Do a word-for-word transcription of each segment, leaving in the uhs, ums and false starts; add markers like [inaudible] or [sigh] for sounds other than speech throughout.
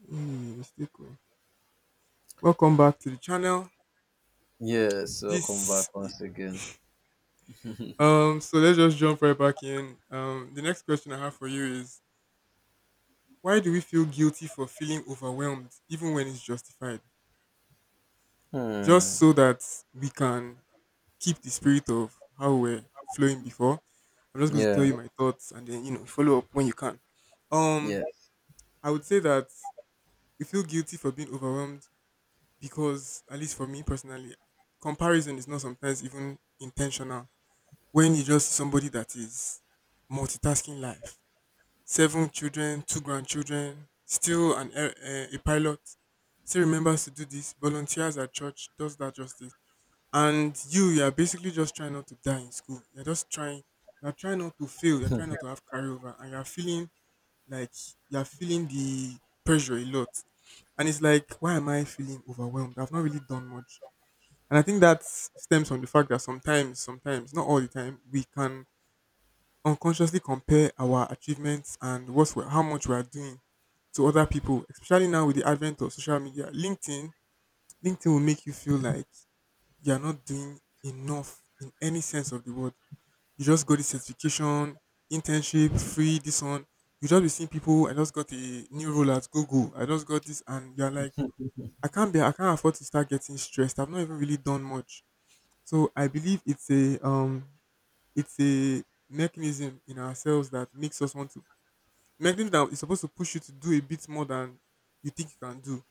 Mm, mistake. Oh. Welcome back to the channel. Yes, welcome This back once again. um so let's just jump right back in. Um the next question I have for you is, why do we feel guilty for feeling overwhelmed even when it's justified? Hmm. Just so that we can keep the spirit of how we're flowing before. I'm just going to tell Yeah. you my thoughts and then you know follow up when you can. Um Yes. I would say that we feel guilty for being overwhelmed because, at least for me personally, comparison is not sometimes even intentional. When you just see somebody that is multitasking life, seven children, two grandchildren, still an air- eh, a pilot, still remembers to do this, volunteers at church, does that justice, and you, you are basically just trying not to die in school. You're just trying, you're trying not to fail, you're trying not to have carryover, and you're feeling like, you're feeling the pressure a lot. And it's like, why am I feeling overwhelmed? I've not really done much. And I think that stems from the fact that sometimes, sometimes, not all the time, we can unconsciously compare our achievements and what's we how much we are doing to other people, especially now with the advent of social media. LinkedIn, LinkedIn will make you feel like you're not doing enough in any sense of the word. You just got the certification, internship, free, this one. You just be seeing people, I just got a new role at Google, I just got this, and you're like, I can't be I can't afford to start getting stressed. I've not even really done much. So I believe it's a um it's a mechanism in ourselves that makes us want to. Mechanism that is supposed to push you to do a bit more than you think you can do.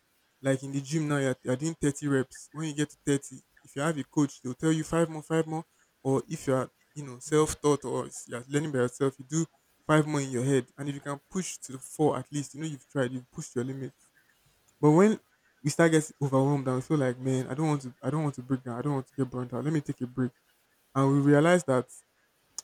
Like in the gym now, you're, you're doing thirty reps. When you get to thirty, if you have a coach, they'll tell you five more, five more. Or if you're, you know, self-taught or s- you're learning by yourself, you do five more in your head. And if you can push to the four at least, you know you've tried, you've pushed your limits. But when we start getting overwhelmed and we feel like, man, I don't want to, I don't want to break down. I don't want to get burnt out. Let me take a break. And we realize that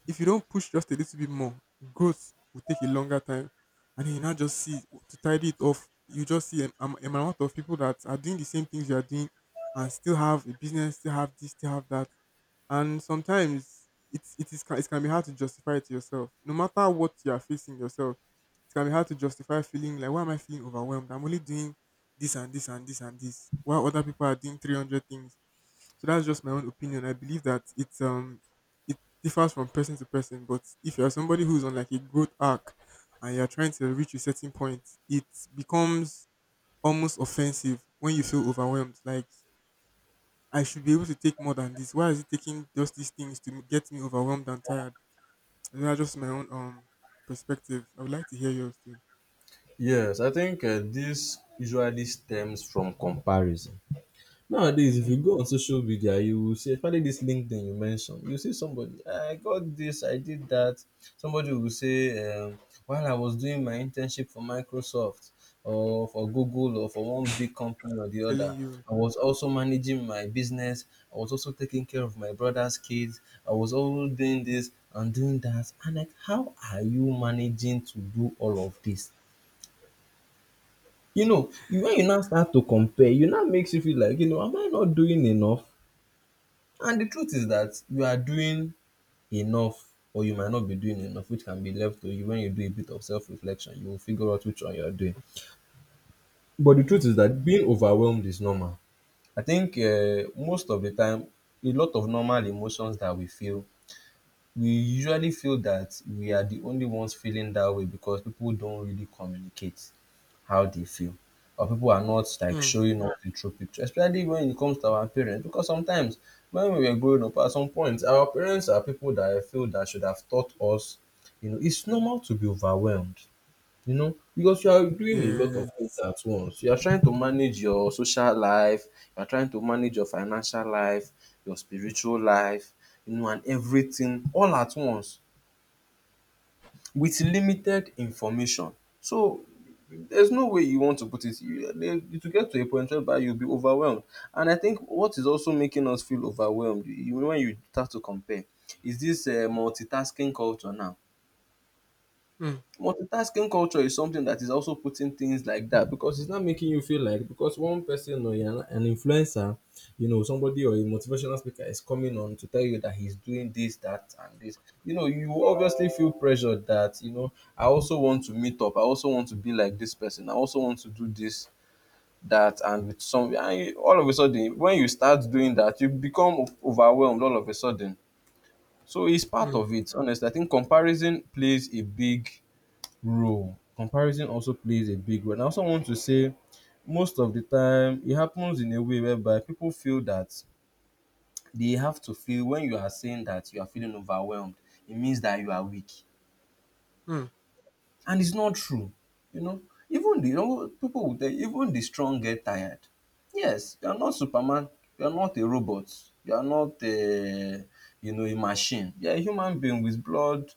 if you don't push just a little bit more, growth will take a longer time. And then you now just see, to tidy it off, you just see a, am- amount of people that are doing the same things you are doing and still have a business, still have this, still have that. And sometimes it's it is ca- it can be hard to justify it to yourself. No matter what you are facing yourself, it can be hard to justify feeling like, why am I feeling overwhelmed? I'm only doing this and this and this and this, while other people are doing three hundred things. So that's just my own opinion. I believe that it's um it differs from person to person, but if you're somebody who's on like a growth arc and you're trying to reach a certain point, it becomes almost offensive when you feel overwhelmed. Like, I should be able to take more than this. Why is it taking just these things to get me overwhelmed and tired? And that's just my own um perspective. I would like to hear yours too. Yes, I think uh, this usually stems from comparison. Nowadays, if you Hmm. go on social media, you will see, especially this LinkedIn you mentioned, you see somebody, "Ah, I got this, I did that. Somebody will say, um, while I was doing my internship for Microsoft or for Google or for one big company or the other, Telling you. I was also managing my business. I was also taking care of my brother's kids. I was also doing this and doing that. And like, how are you managing to do all of this? You know, you- when you now start to compare, you now makes you feel like, you know, am I not doing enough? And the truth is that you are doing enough, or you might not be doing enough, which can be left to you when you do a bit of self reflection. You will figure out which one you are doing. But the truth is that being overwhelmed is normal. I think uh, most of the time, a lot of normal emotions that we feel, we usually feel that we are the only ones feeling that way because people don't really communicate how they feel, or people are not like Mm. showing us the true picture, especially when it comes to our parents. Because sometimes when we were growing up, at some point, our parents are people that I feel that should have taught us, you know, it's normal to be overwhelmed, you know, because you are doing a lot of Yes. things at once. You are trying to manage your social life, you are trying to manage your financial life, your spiritual life, you know, and everything all at once, with limited information. So there's no way you want to put it. You, there- it get to a point whereby you'll be overwhelmed. And I think what is also making us feel overwhelmed you, when you start to compare is this uh, multitasking culture now. mm, Multitasking culture is something that is also putting things like that because it's not making you feel like because one person or you're an influencer, you know, somebody or a motivational speaker is coming on to tell you that he's doing this, that, and this. You know, you obviously feel pressured that, you know, I also want to meet up. I also want to be like this person. I also want to do this, that, and with some. And you- all of a sudden, when you start doing that, you become o- overwhelmed all of a sudden. So it's part mm, of it, honestly. I think comparison plays a big role. Comparison also plays a big role. And I also want to say most of the time it happens in a way whereby people feel that they have to feel when you are saying that you are feeling overwhelmed, it means that you are weak. mm, And it's not true. You know, even the you know, people will tell you, even the strong get tired. Yes, you are not Superman. You are not a robot. You are not a, you know, a machine. You are a human being with blood,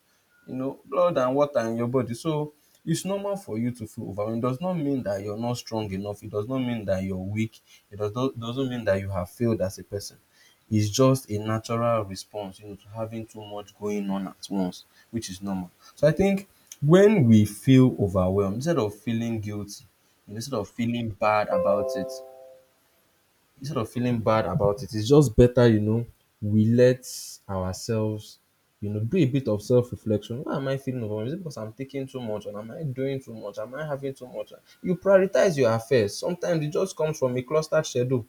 you know, blood and water in your body. So it's normal for you to feel overwhelmed. It does not mean that you're not strong enough. It does not mean that you're weak. It does not, doesn't mean that you have failed as a person. It's just a natural response, you know, to having too much going on at once, which is normal. So I think when we feel overwhelmed, instead of feeling guilty, instead of feeling bad about it, instead of feeling bad about it, it's just better, you know, we let ourselves, you know, do a bit of self reflection. Why am I feeling overwhelmed? Is it because I'm taking too much, or am I doing too much? Am I having too much? You prioritize your affairs. Sometimes it just comes from a clustered schedule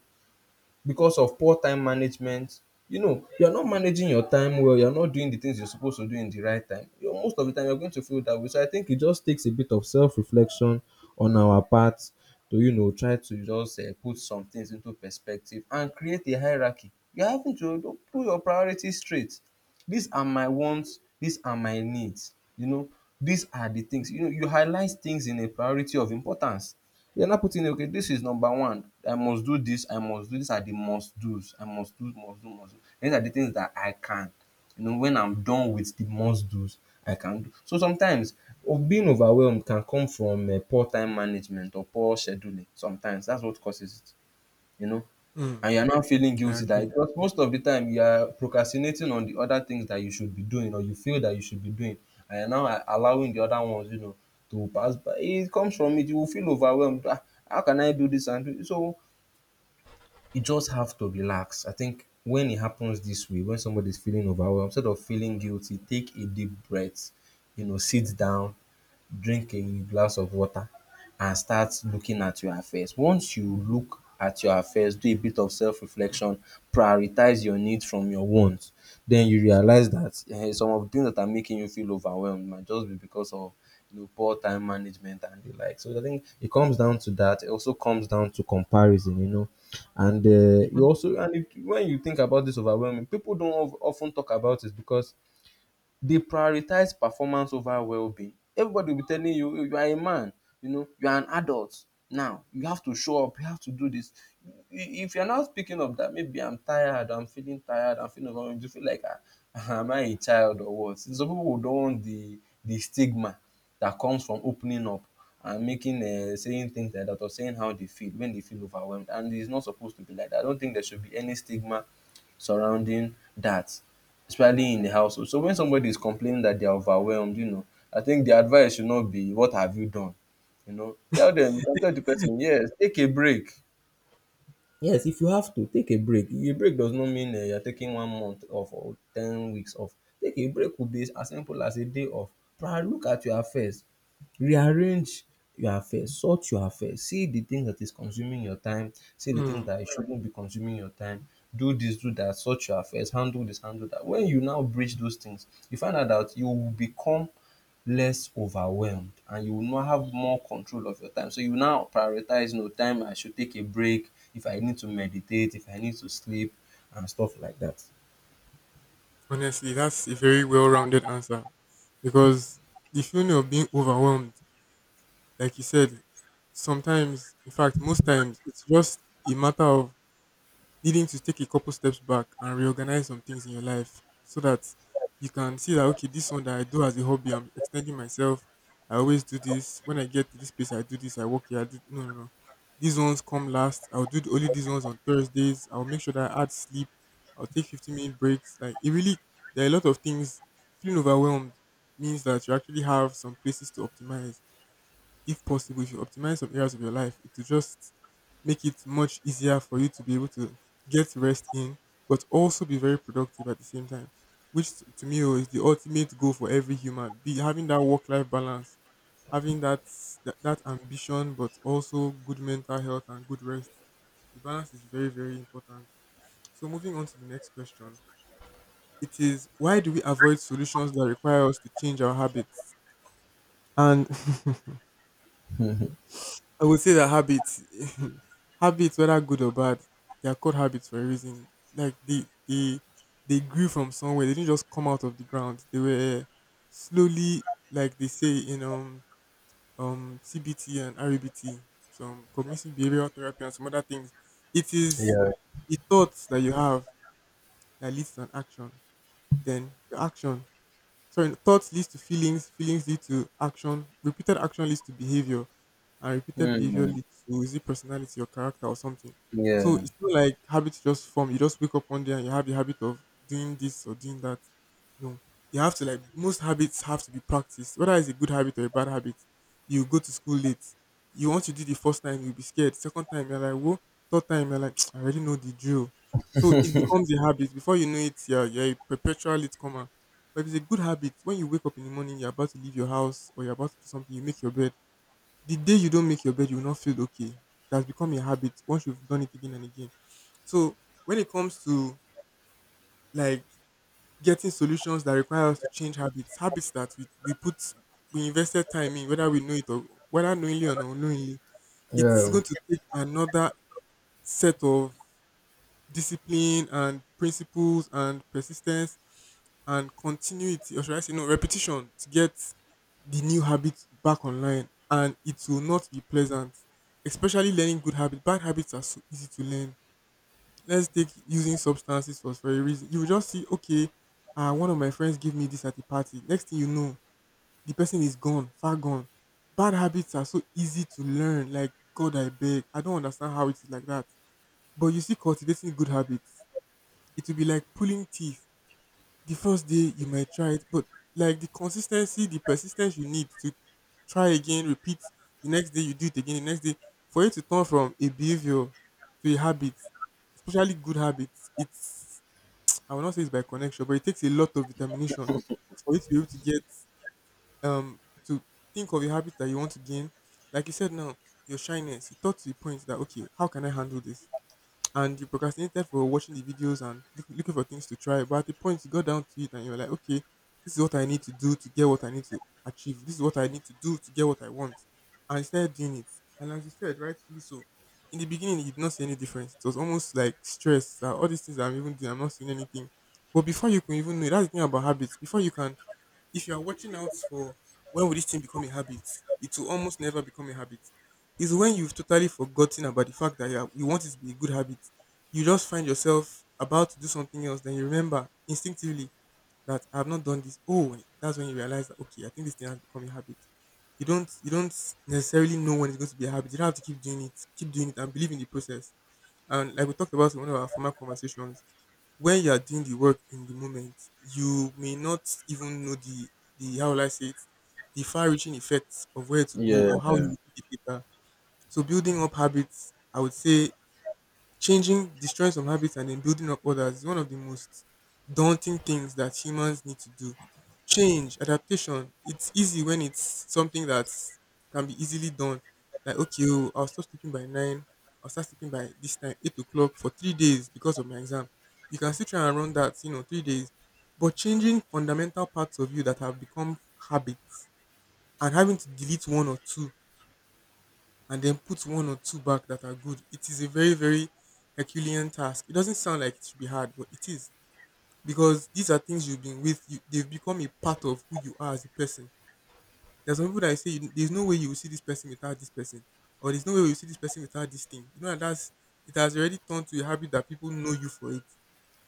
because of poor time management. You know, you're not managing your time well, you're not doing the things you're supposed to do in the right time. You know, most of the time you're going to feel that way. So I think it just takes a bit of self-reflection on our part to, you know, try to just uh, put some things into perspective and create a hierarchy. You're having to do- put your priorities straight. These are my wants, these are my needs, you know, these are the things. You know, you highlight things in a priority of importance. You're not putting, okay, this is number one. I must do this, I must do these are the must do's. I must do, must do, must do. These are the things that I can. You know, when I'm done with the must do's, I can do. So sometimes of being overwhelmed can come from um poor time management or poor scheduling. Sometimes that's what causes it, you know, mm. and you're now feeling I guilty that agree. because most of the time you are procrastinating on the other things that you should be doing or you feel that you should be doing, and you're now a- allowing the other ones, you know, to pass by. It comes from it. You will feel overwhelmed. Ah, how can I do this and do? So you just have to relax. I think when it happens this way, when somebody's feeling overwhelmed, instead of feeling guilty, take a deep breath, you know, sit down, drink a glass of water, and start looking at your affairs. Once you look at your affairs, do a bit of self-reflection, prioritize your needs from your wants, then you realize that eh, some of the things that are making you feel overwhelmed might just be because of, you know, poor time management and the like. So I think it comes down to that. It also comes down to comparison, you know, and uh, you Mm, also and if, when you think about this overwhelming, people don't of- often talk about it because they prioritize performance over well-being. Everybody will be telling you, you are a man, you know, you are an adult now, you have to show up, you have to do this. If you are not picking up that maybe I'm tired, I'm feeling tired, I'm feeling overwhelmed, you feel like ah, am I a child or what? Some pipu don't want the the stigma that comes from opening up and making um saying things like that or saying how they feel when they feel overwhelmed, and it's not supposed to be like that. I don't think there should be any stigma surrounding that, especially in the household. So when somebody is complaining that they are overwhelmed, you know, I think the advice should not be what have you done? You know, tell them, you can tell the person, yes, take a break. Yes, if you have to, take a break. A break does not mean uh, you're taking one month off or ten weeks off. Take a break could be as simple as a day off. Pra- Look at your affairs. Rearrange your affairs, sort your affairs, see the thing that is consuming your time, see the thing mm. that shouldn't be consuming your time, do this, do that, sort your affairs, handle this, handle that. When you now bridge those things, you find out that you will become less overwhelmed and you will now have more control of your time. So you now prioritize no time I should take a break, if I need to meditate, if I need to sleep and stuff like that. Honestly, that's a very well-rounded answer, because the feeling of being overwhelmed, like you said, sometimes, in fact most times, it's just a matter of needing to take a couple steps back and reorganize some things in your life so that you can see that, okay, this one that I do as a hobby, I'm extending myself. I always do this. When I get to this place, I do this. I work here. I do no, no, no. These ones come last. I'll do only these ones on Thursdays. I'll make sure that I add sleep. I'll take fifteen minute breaks. Like, it really, there are a lot of things. Feeling overwhelmed means that you actually have some places to optimize. If possible, if you optimize some areas of your life, it will just make it much easier for you to be able to get rest in, but also be very productive at the same time. Which, t- to me oh, is the ultimate goal for every human. Be having that work-life balance, having that, that that ambition, but also good mental health and good rest. The balance is very, very important. So, moving on to the next question. It is, why do we avoid solutions that require us to change our habits? And [laughs] I would say that habits, [laughs] habits, whether good or bad, they are called habits for a reason. Like they, they, they grew from somewhere. They didn't just come out of the ground. They were slowly, like they say in um um C B T and R B T, some cognitive behavioral therapy and some other things. It is Yeah. the thoughts that you have that leads to an action. Then the action, sorry, thoughts leads to feelings, feelings lead to action, repeated action leads to behavior, and repeated behavior Mm, leads to, is it personality or character or something. So yeah. it's not like habits just form. You just wake up one day and you have the habit of doing this or doing that. No, you have to, like, most habits have to be practiced. Whether it's a good habit or a bad habit, you go to school late. You want to do the first time, you'll be scared. Second time, you're like, whoa. Third time, you're like, [tsk] I already know the drill. So it becomes a habit. Before you know it, yeah, you're you're a perpetual latecomer. But if it's a good habit, when you wake up in the morning, you're about to leave your house or you're about to do something, you make your bed. The day you don't make your bed, you will not feel okay. It has become a habit once you've done it again and again. So when it comes to like getting solutions that require us to change habits, habits that we, we put we invested time in, whether we know it or whether knowingly or unknowingly, it's Yeah. going to take another set of discipline and principles and persistence and continuity, or should I say, no, repetition, to get the new habit back online. And it will not be pleasant, especially learning good habits. Bad habits are so easy to learn. Let's take using substances for for a reason. You will just see, okay, uh, one of my friends gave me this at a party. Next thing you know, the person is gone, far gone. Bad habits are so easy to learn. Like, God, I beg. I don't understand how it is like that. But you see, cultivating good habits, it will be like pulling teeth. The first day you might try it, but like the consistency, the persistence you need to try again, repeat, the next day you do it again, the next day, for it to turn from a behavior to a habit, especially good habits, it's, [tsk] I will not say it's by connection, but it takes a lot of determination for you to be able to get um to think of a habit that you want to gain. Like you said now, your shyness, you thought to the point that, okay, how can I handle this? And you procrastinated for watching the videos and look- looking for things to try. But at a point, you got down to it and you were like, okay, this is what I need to do to get what I need to achieve. This is what I need to do to get what I want. And you started doing it. And as you said, rightfully so, in the beginning, you did not see any difference. It was almost like stress that all these things I'm even doing, I'm not seeing anything. But before you can even know, that's the thing about habits. Before you can If you are watching out for when will this thing become a habit, it will almost never become a habit. It's when you've totally forgotten about the fact that you, are, you want it to be a good habit. You just find yourself about to do something else, then you remember instinctively that I have not done this. Oh, that's when you realize that, okay, I think this thing has become a habit. You don't you don't necessarily know when it's going to be a habit. You don't have to keep doing it, keep doing it, and believe in the process. And like we talked about in one of our former conversations, when you are doing the work in the moment, you may not even know the the how will I say it, the far reaching effects of where to go Yeah. or how you will need it later. So building up habits, I would say, changing, destroying some habits and then building up others is one of the most daunting things that humans need to do. Change, adaptation, it's easy when it's something that can be easily done. Like, okay, oh, I'll stop sleeping by nine, I'll start sleeping by this time, eight o'clock for three days because of my exam. You can still try and run that, you know, three days. But changing fundamental parts of you that have become habits, and having to delete one or two and then put one or two back that are good, it is a very, very Herculean task. It doesn't sound like it should be hard, but it is, because these are things you've been with. You, they've become a part of who you are as a person. There's some people that I say you, there's no way you will see this person without this person, or there's no way you will see this person without this thing. You know, and that's it has already turned to a habit that people know you for it.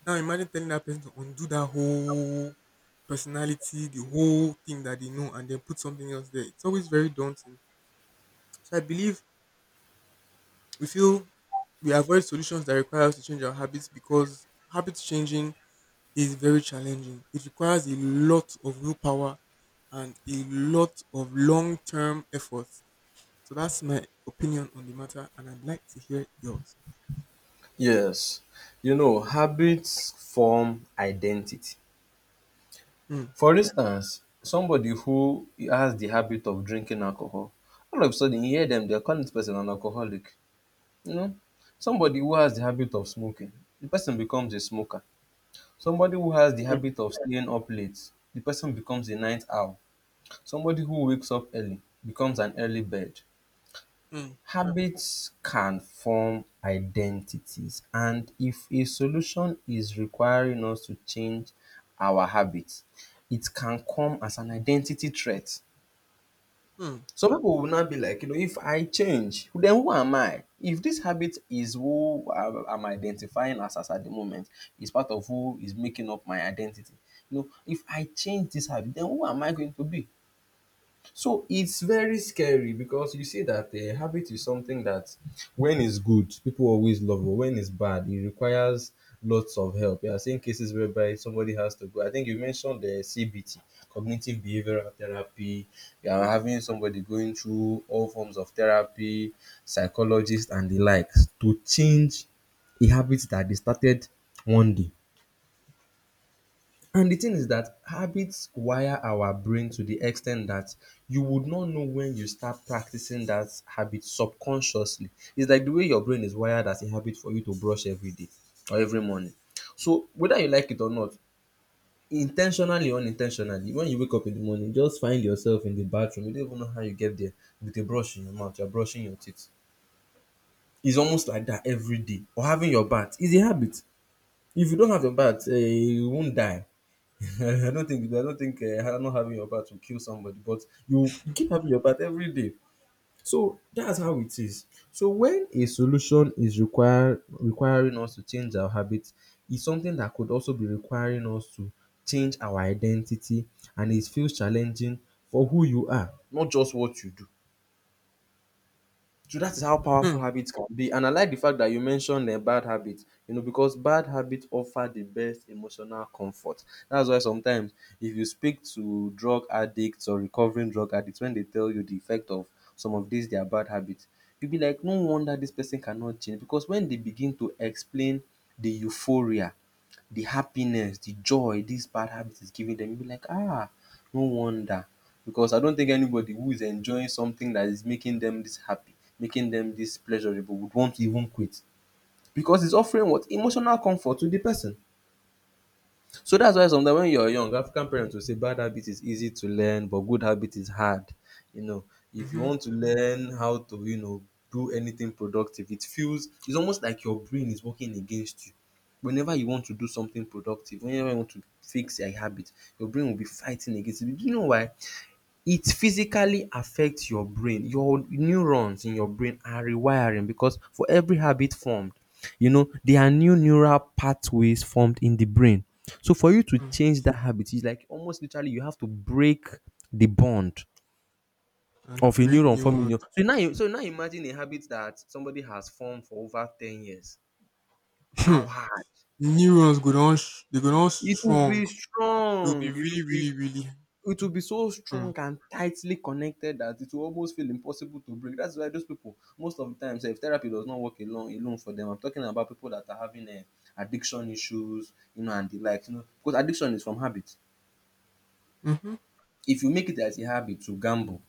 Now imagine telling that person to undo that whole personality, the whole thing that they know, and then put something else there. It's always very daunting. So I believe We feel we avoid solutions that require us to change our habits because habit changing is very challenging. It requires a lot of willpower and a lot of long term effort. So that's my opinion on the matter, and I'd like to hear yours. Yes. You know, habits form identity. Hmm. For instance, somebody who has the habit of drinking alcohol, all of a sudden you hear them, they're calling this person an alcoholic. You know, somebody who has the habit of smoking, the person becomes a smoker. Somebody who has the Hmm. habit of staying up late, the person becomes a night owl. Somebody who wakes up early becomes an early bird. Hmm. Habits can form identities, and if a solution is requiring us to change our habits, it can come as an identity threat. Some people will now be like, you know, if I change, then who am I? If this habit is who I- I'm identifying as, as at the moment, is part of who is making up my identity. You know, if I change this habit, then who am I going to be? So it's very scary because you see that a habit is something that when it's good, people always love, but when it's bad, it requires lots of help. You are seeing cases whereby somebody has to go. I think you mentioned the C B T, cognitive behavioral therapy. You are Hmm. having somebody going through all forms of therapy, psychologists and the likes to change a habit that they started one day. And the thing is that habits wire our brain to the extent that you would not know when you start practicing that habit subconsciously. It's like the way your brain is wired as a habit for you to brush every day or every morning. So whether you like it or not, intentionally or unintentionally, when you wake up in the morning, just find yourself in the bathroom. You don't even know how you get there with a brush in your mouth. You're brushing your teeth. It's almost like that every day. Or having your bath is a habit. If you don't have your bath, eh, you won't die. [laughs] I don't think I don't think uh, not having your bath will kill somebody, but you, you keep having your bath every day. So that's how it is. So when a solution is require requiring us to change our habits, it's something that could also be requiring us to change our identity, and it feels challenging for who you are, not just what you do. So that is how powerful Hmm. habits can be. And I like the fact that you mentioned uh, bad habits, you know, because bad habits offer the best emotional comfort. That's why sometimes if you speak to drug addicts or recovering drug addicts, when they tell you the effect of some of these their bad habits, you'll be like, no wonder this person cannot change. Because when they begin to explain the euphoria, the happiness, the joy this bad habit is giving them, you'll be like, ah, no wonder. Because I don't think anybody who is enjoying something that is making them this happy, making them this pleasurable, would want to even quit. Because it's offering what? Emotional comfort to the person. So that's why sometimes when you're young, African parents will say bad habit is easy to learn, but good habit is hard. You know, if you Mhm. want to learn how to, you know, do anything productive, it feels it's almost like your brain is working against you. Whenever you want to do something productive, whenever you want to fix a habit, your brain will be fighting against it. Do you know why? It physically affects your brain. Your neurons in your brain are rewiring, because for every habit formed you know there are new neural pathways formed in the brain. So for you to Hmm. change that habit, it's like almost literally you have to break the bond And of a create neuron new forming ones. neu- so now you so now imagine a habit that somebody has formed for over ten years. How Hmm. hard New ones go on. They go on it will strong. be. They will be Strong, it really, will be. really, really. It will be so Hmm. strong and tightly connected that it will almost feel impossible to break. That's why those people, most of the time, if therapy does not work alone, alone for them, I'm talking about people that are having uh, addiction issues, you know, and the like, you know, because addiction is from habit. Mm-hmm. If you make it as a habit to gamble,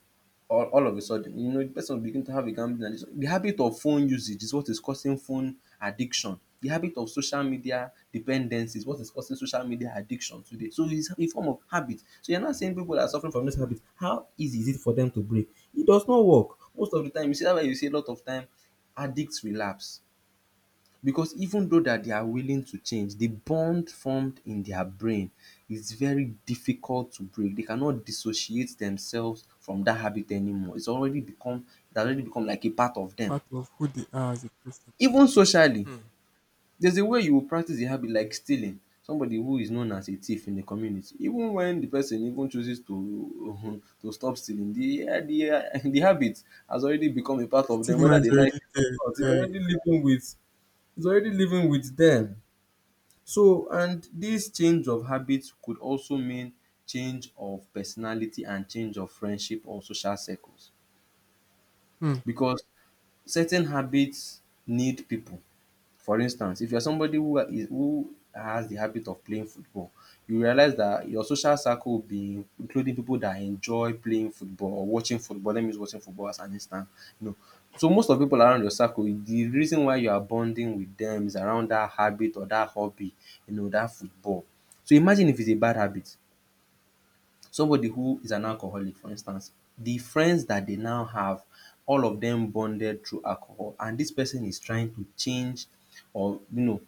all, all of a sudden you know the person will begin to have a gambling addiction. The habit of phone usage is what is causing phone addiction. The habit of social media dependency is what is causing social media addiction today. So it's a form of habit. So you're not saying people that are suffering from this habit, how easy is it for them to break? It does not work most of the time. You see that. Why you see a lot of time addicts relapse, because even though that they are willing to change, the bond formed in their brain is very difficult to break. They cannot dissociate themselves from that habit anymore. It's already become it has already become like a part of them. Part of who they are as a person. Even socially, Hmm. there's a way you will practice a habit like stealing. Somebody who is known as a thief in the community, even when the person even chooses to [laughs] to stop stealing, the the [laughs] the habit has already become a The part of them, stigma whether is they like already it or not. It's there. Yeah. already living with it's already living with them. So, and this change of habit could also mean change of personality and change of friendship or social circles, Hmm. because certain habits need people. For instance, if you are somebody who are- is who has the habit of playing football, you realize that your social circle will be including people that enjoy playing football or watching football. Let me use watching football as an instance, you know. So most of the people around your circle, the reason why you are bonding with them is around that habit or that hobby, you know, that football. So imagine if it's a bad habit. Somebody who is an alcoholic, for instance, the friends that they now have, all of them bonded through alcohol, and this person is trying to change, or you know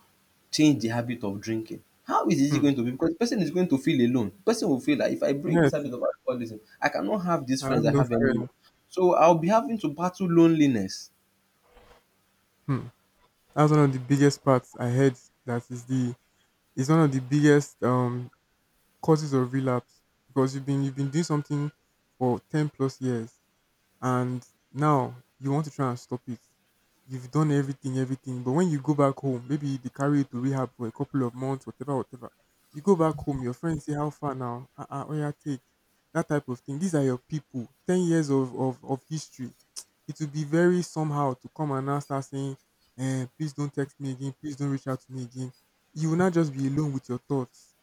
change the habit of drinking. How is it Hmm. going to be? Because the person is going to feel alone. The person will feel like, if I break this Yes, habit of alcoholism, I cannot have these I friends have I no have anymore. friends. So I'll be having to battle loneliness. Hmm. That's one of the biggest parts I heard. That is the is one of the biggest um causes of relapse, because you've been you've been doing something for ten plus years. And now you want to try and stop it. You've done everything, everything, but when you go back home, maybe they carry you to rehab for a couple of months, whatever, whatever. You go back home, your friends say, "How far now? Ah, uh-uh, yeah, take that type of thing." These are your people. Ten years of of of history. It will be very somehow to come and now start saying, eh, "Please don't text me again. Please don't reach out to me again." You will not just be alone with your thoughts.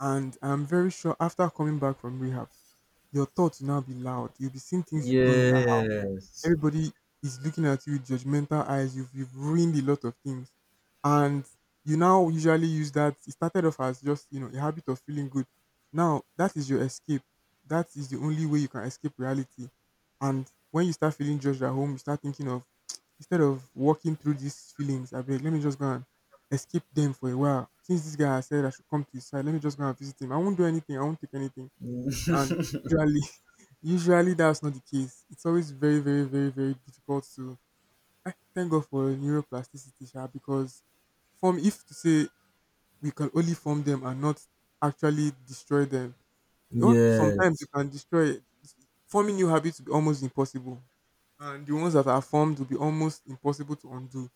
And I'm very sure after coming back from rehab, your thoughts will now be loud. You'll be seeing things you've done in that Yes. everybody is looking at you with judgmental eyes. You've, you've ruined a lot of things. And you now usually use that. It started off as just, you know, a habit of feeling good. Now, that is your escape. That is the only way you can escape reality. And when you start feeling judged at home, you start thinking of, [tsk] instead of walking through these feelings, I beg, let me just go and escape them for a while. Since this guy has said I should come to his side, let me just go and visit him. I won't do anything. I won't take anything. [laughs] And usually, Usually that's not the case. It's always very, very, very, very difficult to— I thank God for neuroplasticity, sha, because form if to say we can only form them and not actually destroy them. You know, sometimes you Yes. can destroy. Forming new habits will be almost impossible. And the ones that are formed will be almost impossible to undo.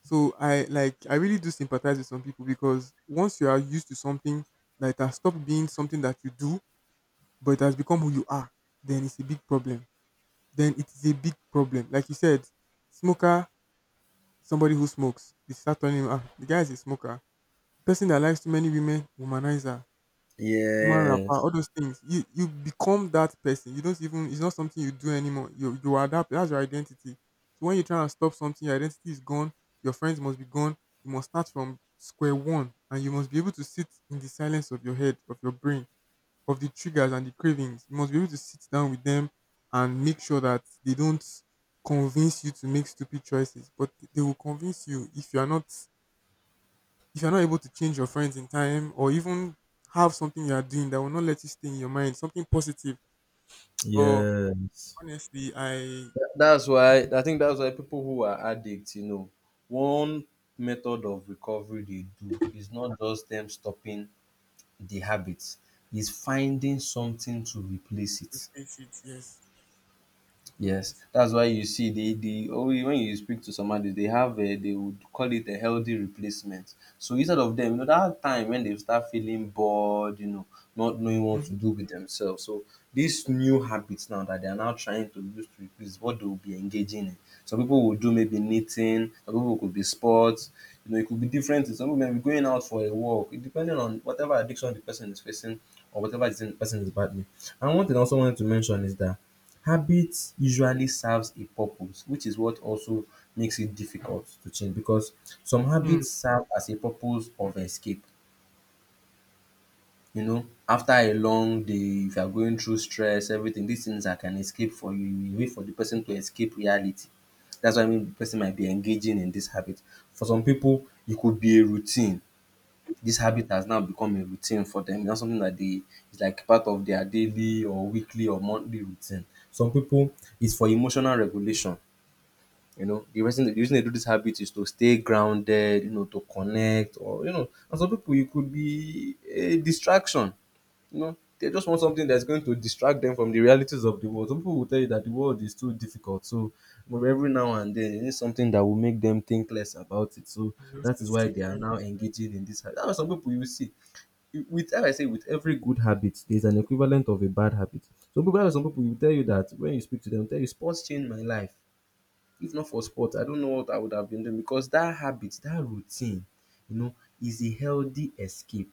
So I like I really do sympathize with some people, because once you are used to something that it has stopped being something that you do, but it has become who you are, then it's a big problem, then it is a big problem. Like you said, smoker, somebody who smokes, they start telling him, ah, the guy is a smoker. Person that likes too many women, womanizer, woman rapper, Yes. all those things. You you become that person. You don't even, it's not something you do anymore. You you are that that's your identity. So when you try and stop something, your identity is gone, your friends must be gone. You must start from square one, and you must be able to sit in the silence of your head, of your brain, of the triggers and the cravings. You must be able to sit down with them and make sure that they don't convince you to make stupid choices. But they will convince you, if you are not, if you are not able to change your friends in time, or even have something you are doing that will not let you stay in your mind, something positive. But Yes. honestly, I— That's why I think that's why people who are addicts, you know, one method of recovery they do is not just them stopping the habit, is finding something to replace it. replace it. Yes, something Yes, positive. that's why you see, they they always when you speak to somebody, they have a they would call it a healthy replacement. So instead of them, you know, that time when they start feeling bored, you know, not knowing what to Mm-hmm. do with themselves. So these new habits now that they are now trying to use to replace what they will be engaging in. Some people will do maybe knitting, some people could be sports, you know, it could be different things. Some people may be going out for a walk, it depending on whatever addiction the person is facing or whatever the person is battling. And one thing I also wanted to mention is that habit usually serves a purpose, which is what also makes it difficult to change, because some Mm. habits serve as a purpose of escape you know after a long day, if you are going through stress, everything, these things are can escape for you, a way for the person to escape reality. That's why maybe the person might be engaging in this habit. For some people, it could be a routine. This habit has now become a routine for them. That's something that they it's like part of their daily or weekly or monthly routine. Some people, it's for emotional regulation. You know, the reason the reason they do this habit is to stay grounded, you know, to connect, or you know, and some people, you could be a distraction. You know, they just want something that's going to distract them from the realities of the world. Some people will tell you that the world is too difficult. So but every now and then, it is something that will make them think less about it. So Just that is why escape they are now engaging in this habit. That's why some people you see. you- With As I say, with every good habit, there's an equivalent of a bad habit. Some people, some people will tell you that when you speak to them, they'll tell you sports changed my life. If not for sport, I don't know what I would have been doing, because that habit, that routine, you know, is a healthy escape,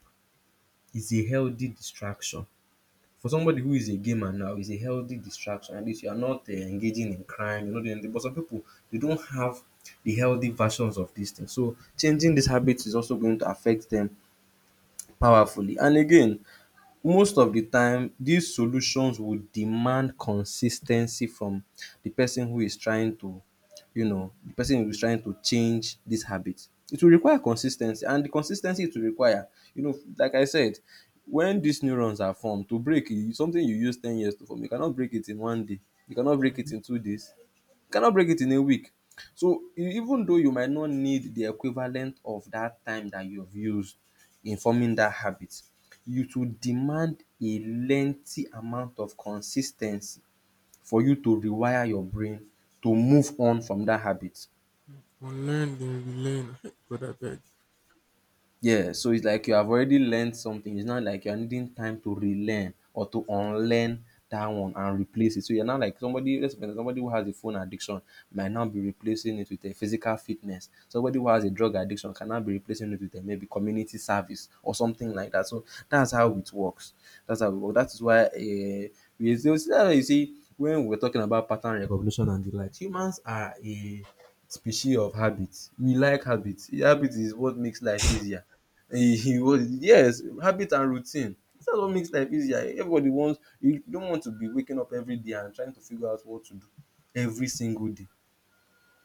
is a healthy distraction. For somebody who is a gamer now, it's a healthy distraction. At least you are not uh, engaging in crime, you're not doing anything. But some people, they don't have the healthy versions of these things. So changing these habits is also going to affect them powerfully. And again, most of the time these solutions would demand consistency from the person who is trying to you know the person who is trying to change this habit. It will require consistency, and the consistency it will require you know like I said, when these neurons are formed, to break e something you use ten years to form, you cannot break it in one day, you cannot break it reality. in two days. You cannot break it in a week. So even though you might not need the equivalent of that time that you've used in forming that habit, it will demand a lengthy amount of consis ten cy for you to rewire your brain to move on from that habit. Unlearn then relearn. [laughs] God, I beg. Yeah, so it's like you have already learned something. It's not like you're needing time to relearn or to unlearn that one and replace it. So you're now like somebody, let's say somebody who has a phone addiction might now be replacing it with a physical fitness. Somebody who has a drug addiction can now be replacing it with a maybe community service or something like that. So that's how it works. That's how it works. That is why uh, we so see that you see when we we're talking about pattern recognition and the like, humans are a species of habit. We like habits. Habit is what makes life easier he he was yes, habit and routine. That's what makes life easier. Everybody wants you don't want to be waking up every day and trying to figure out what to do every single day.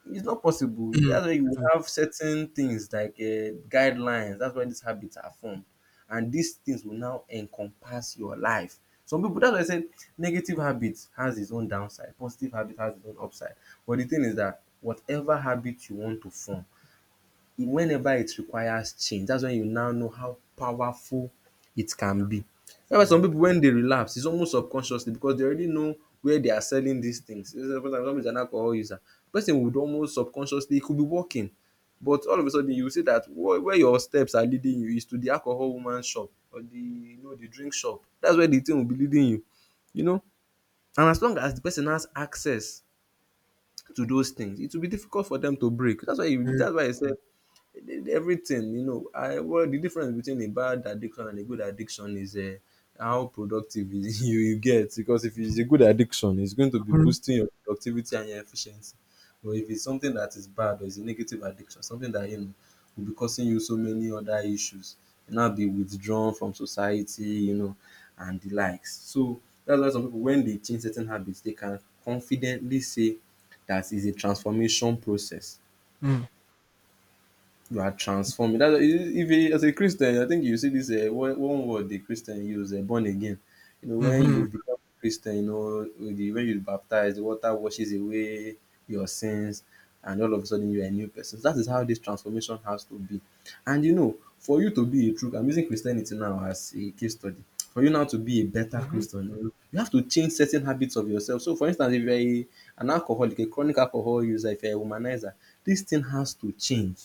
It's not possible. Mm. That's why you Thank have certain things like uh, guidelines. That's why these habits are formed, and these things will now encompass your life. Some people that's why I said negative habit has its own downside, positive habit has its own upside. But the thing is that whatever habit you want to form whenever it requires change, that's when you now know how powerful it can be. That's why you. Yeah. some people when they relapse, it's almost subconsciously because they already know where they are selling these things. Somebody is an alcohol user. Person would almost subconsciously, he could be walking, but all of a sudden you see that where your steps are leading you is to the alcohol woman shop or the you know the drink shop. That's where the thing will be leading you, you know. And as long as the person has access to those things, it will be difficult for dem to break. That's why you Very that's why I said good. everything you know I well the difference between a bad addiction and a good addiction is uh, how productive is [laughs] you you get, because if it's a good addiction it's going to be boosting your productivity and your efficiency, but if it's something that is bad or is a negative addiction, something that you know will be causing you so many other issues, you now be withdrawn from society, you know, and the likes. So that's why some people when they change certain habits they can confidently say that is a transformation process. Hmm. You are transformed. That, if a, as a Christian, I think you see this uh, one, one word the Christian use, uh, born again. You know, when Mm-hmm. you become Christian, you know, with the, when you baptize, the water washes away your sins, and all of a sudden you are a new person. So that is how this transformation has to be. And you know, for you to be a true, I'm using Christianity now as a case study. For you now to be a better Mm-hmm. Christian, you know, you have to change certain habits of yourself. So, for instance, if you are a, an alcoholic, a chronic alcohol user, if you're a womanizer, this thing has to change.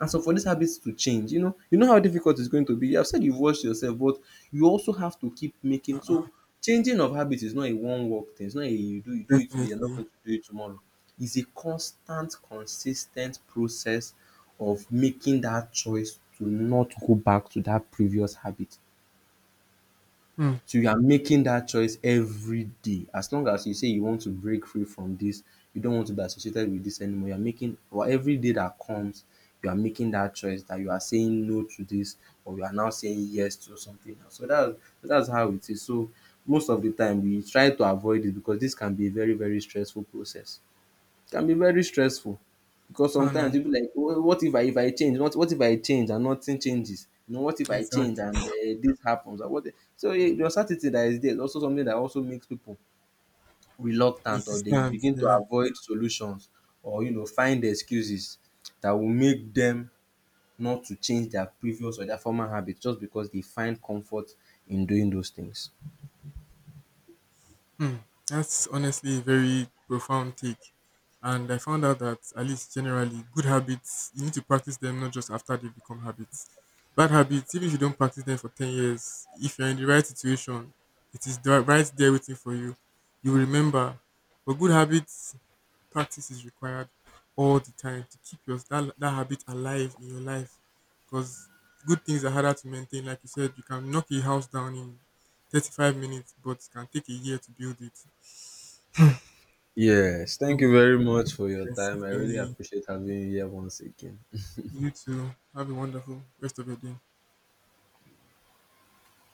And so for these habits to change, you know, you know how difficult it's going to be. I've said you've watched yourself, but you also have to keep making. So changing of habits is not a one walk thing. It's not a you do you do it today, you're not Definitely. going to do it tomorrow. It's a constant, consistent process of making that choice to not go back to that previous habit. Mm. So you are making that choice every day. As long as you say you want to break free from this, you don't want to be associated with this anymore. You're making or every day that comes, you are making that choice that you are saying no to this, or you are now saying yes to something else. So that's that's how it is. So most of the time we try to avoid it because this can be a very, very stressful process, can be very stressful, because Kind sometimes of people like "Wha- what if I if I change, what what if I change and nothing changes, you know, what if I change exactly. and uh, this happens or what," so eh, the uncertainty that is there is also something that also makes people reluctant, or they Resistance. begin to Yeah. avoid solutions, or you know find excuses that will make them not to change their previous or their former habits just because they find comfort in doing those things. Mm. That's honestly a very profound take. And I found out that, at least generally, good habits, you need to practice them not just after they become habits. Bad habits, even if you don't practice them for ten years, if you're in the right situation, it is the- right there waiting for you. You will remember. But good habits, practice is required all the time to keep your that, that habit alive in your life, because good things are harder to maintain. Like you said, you can knock a house down in thirty-five minutes, but it can take a year to build it. Yes, So thank you very much for your yes, time. I really Benny, appreciate having you here once again. you too, have a wonderful rest of your day.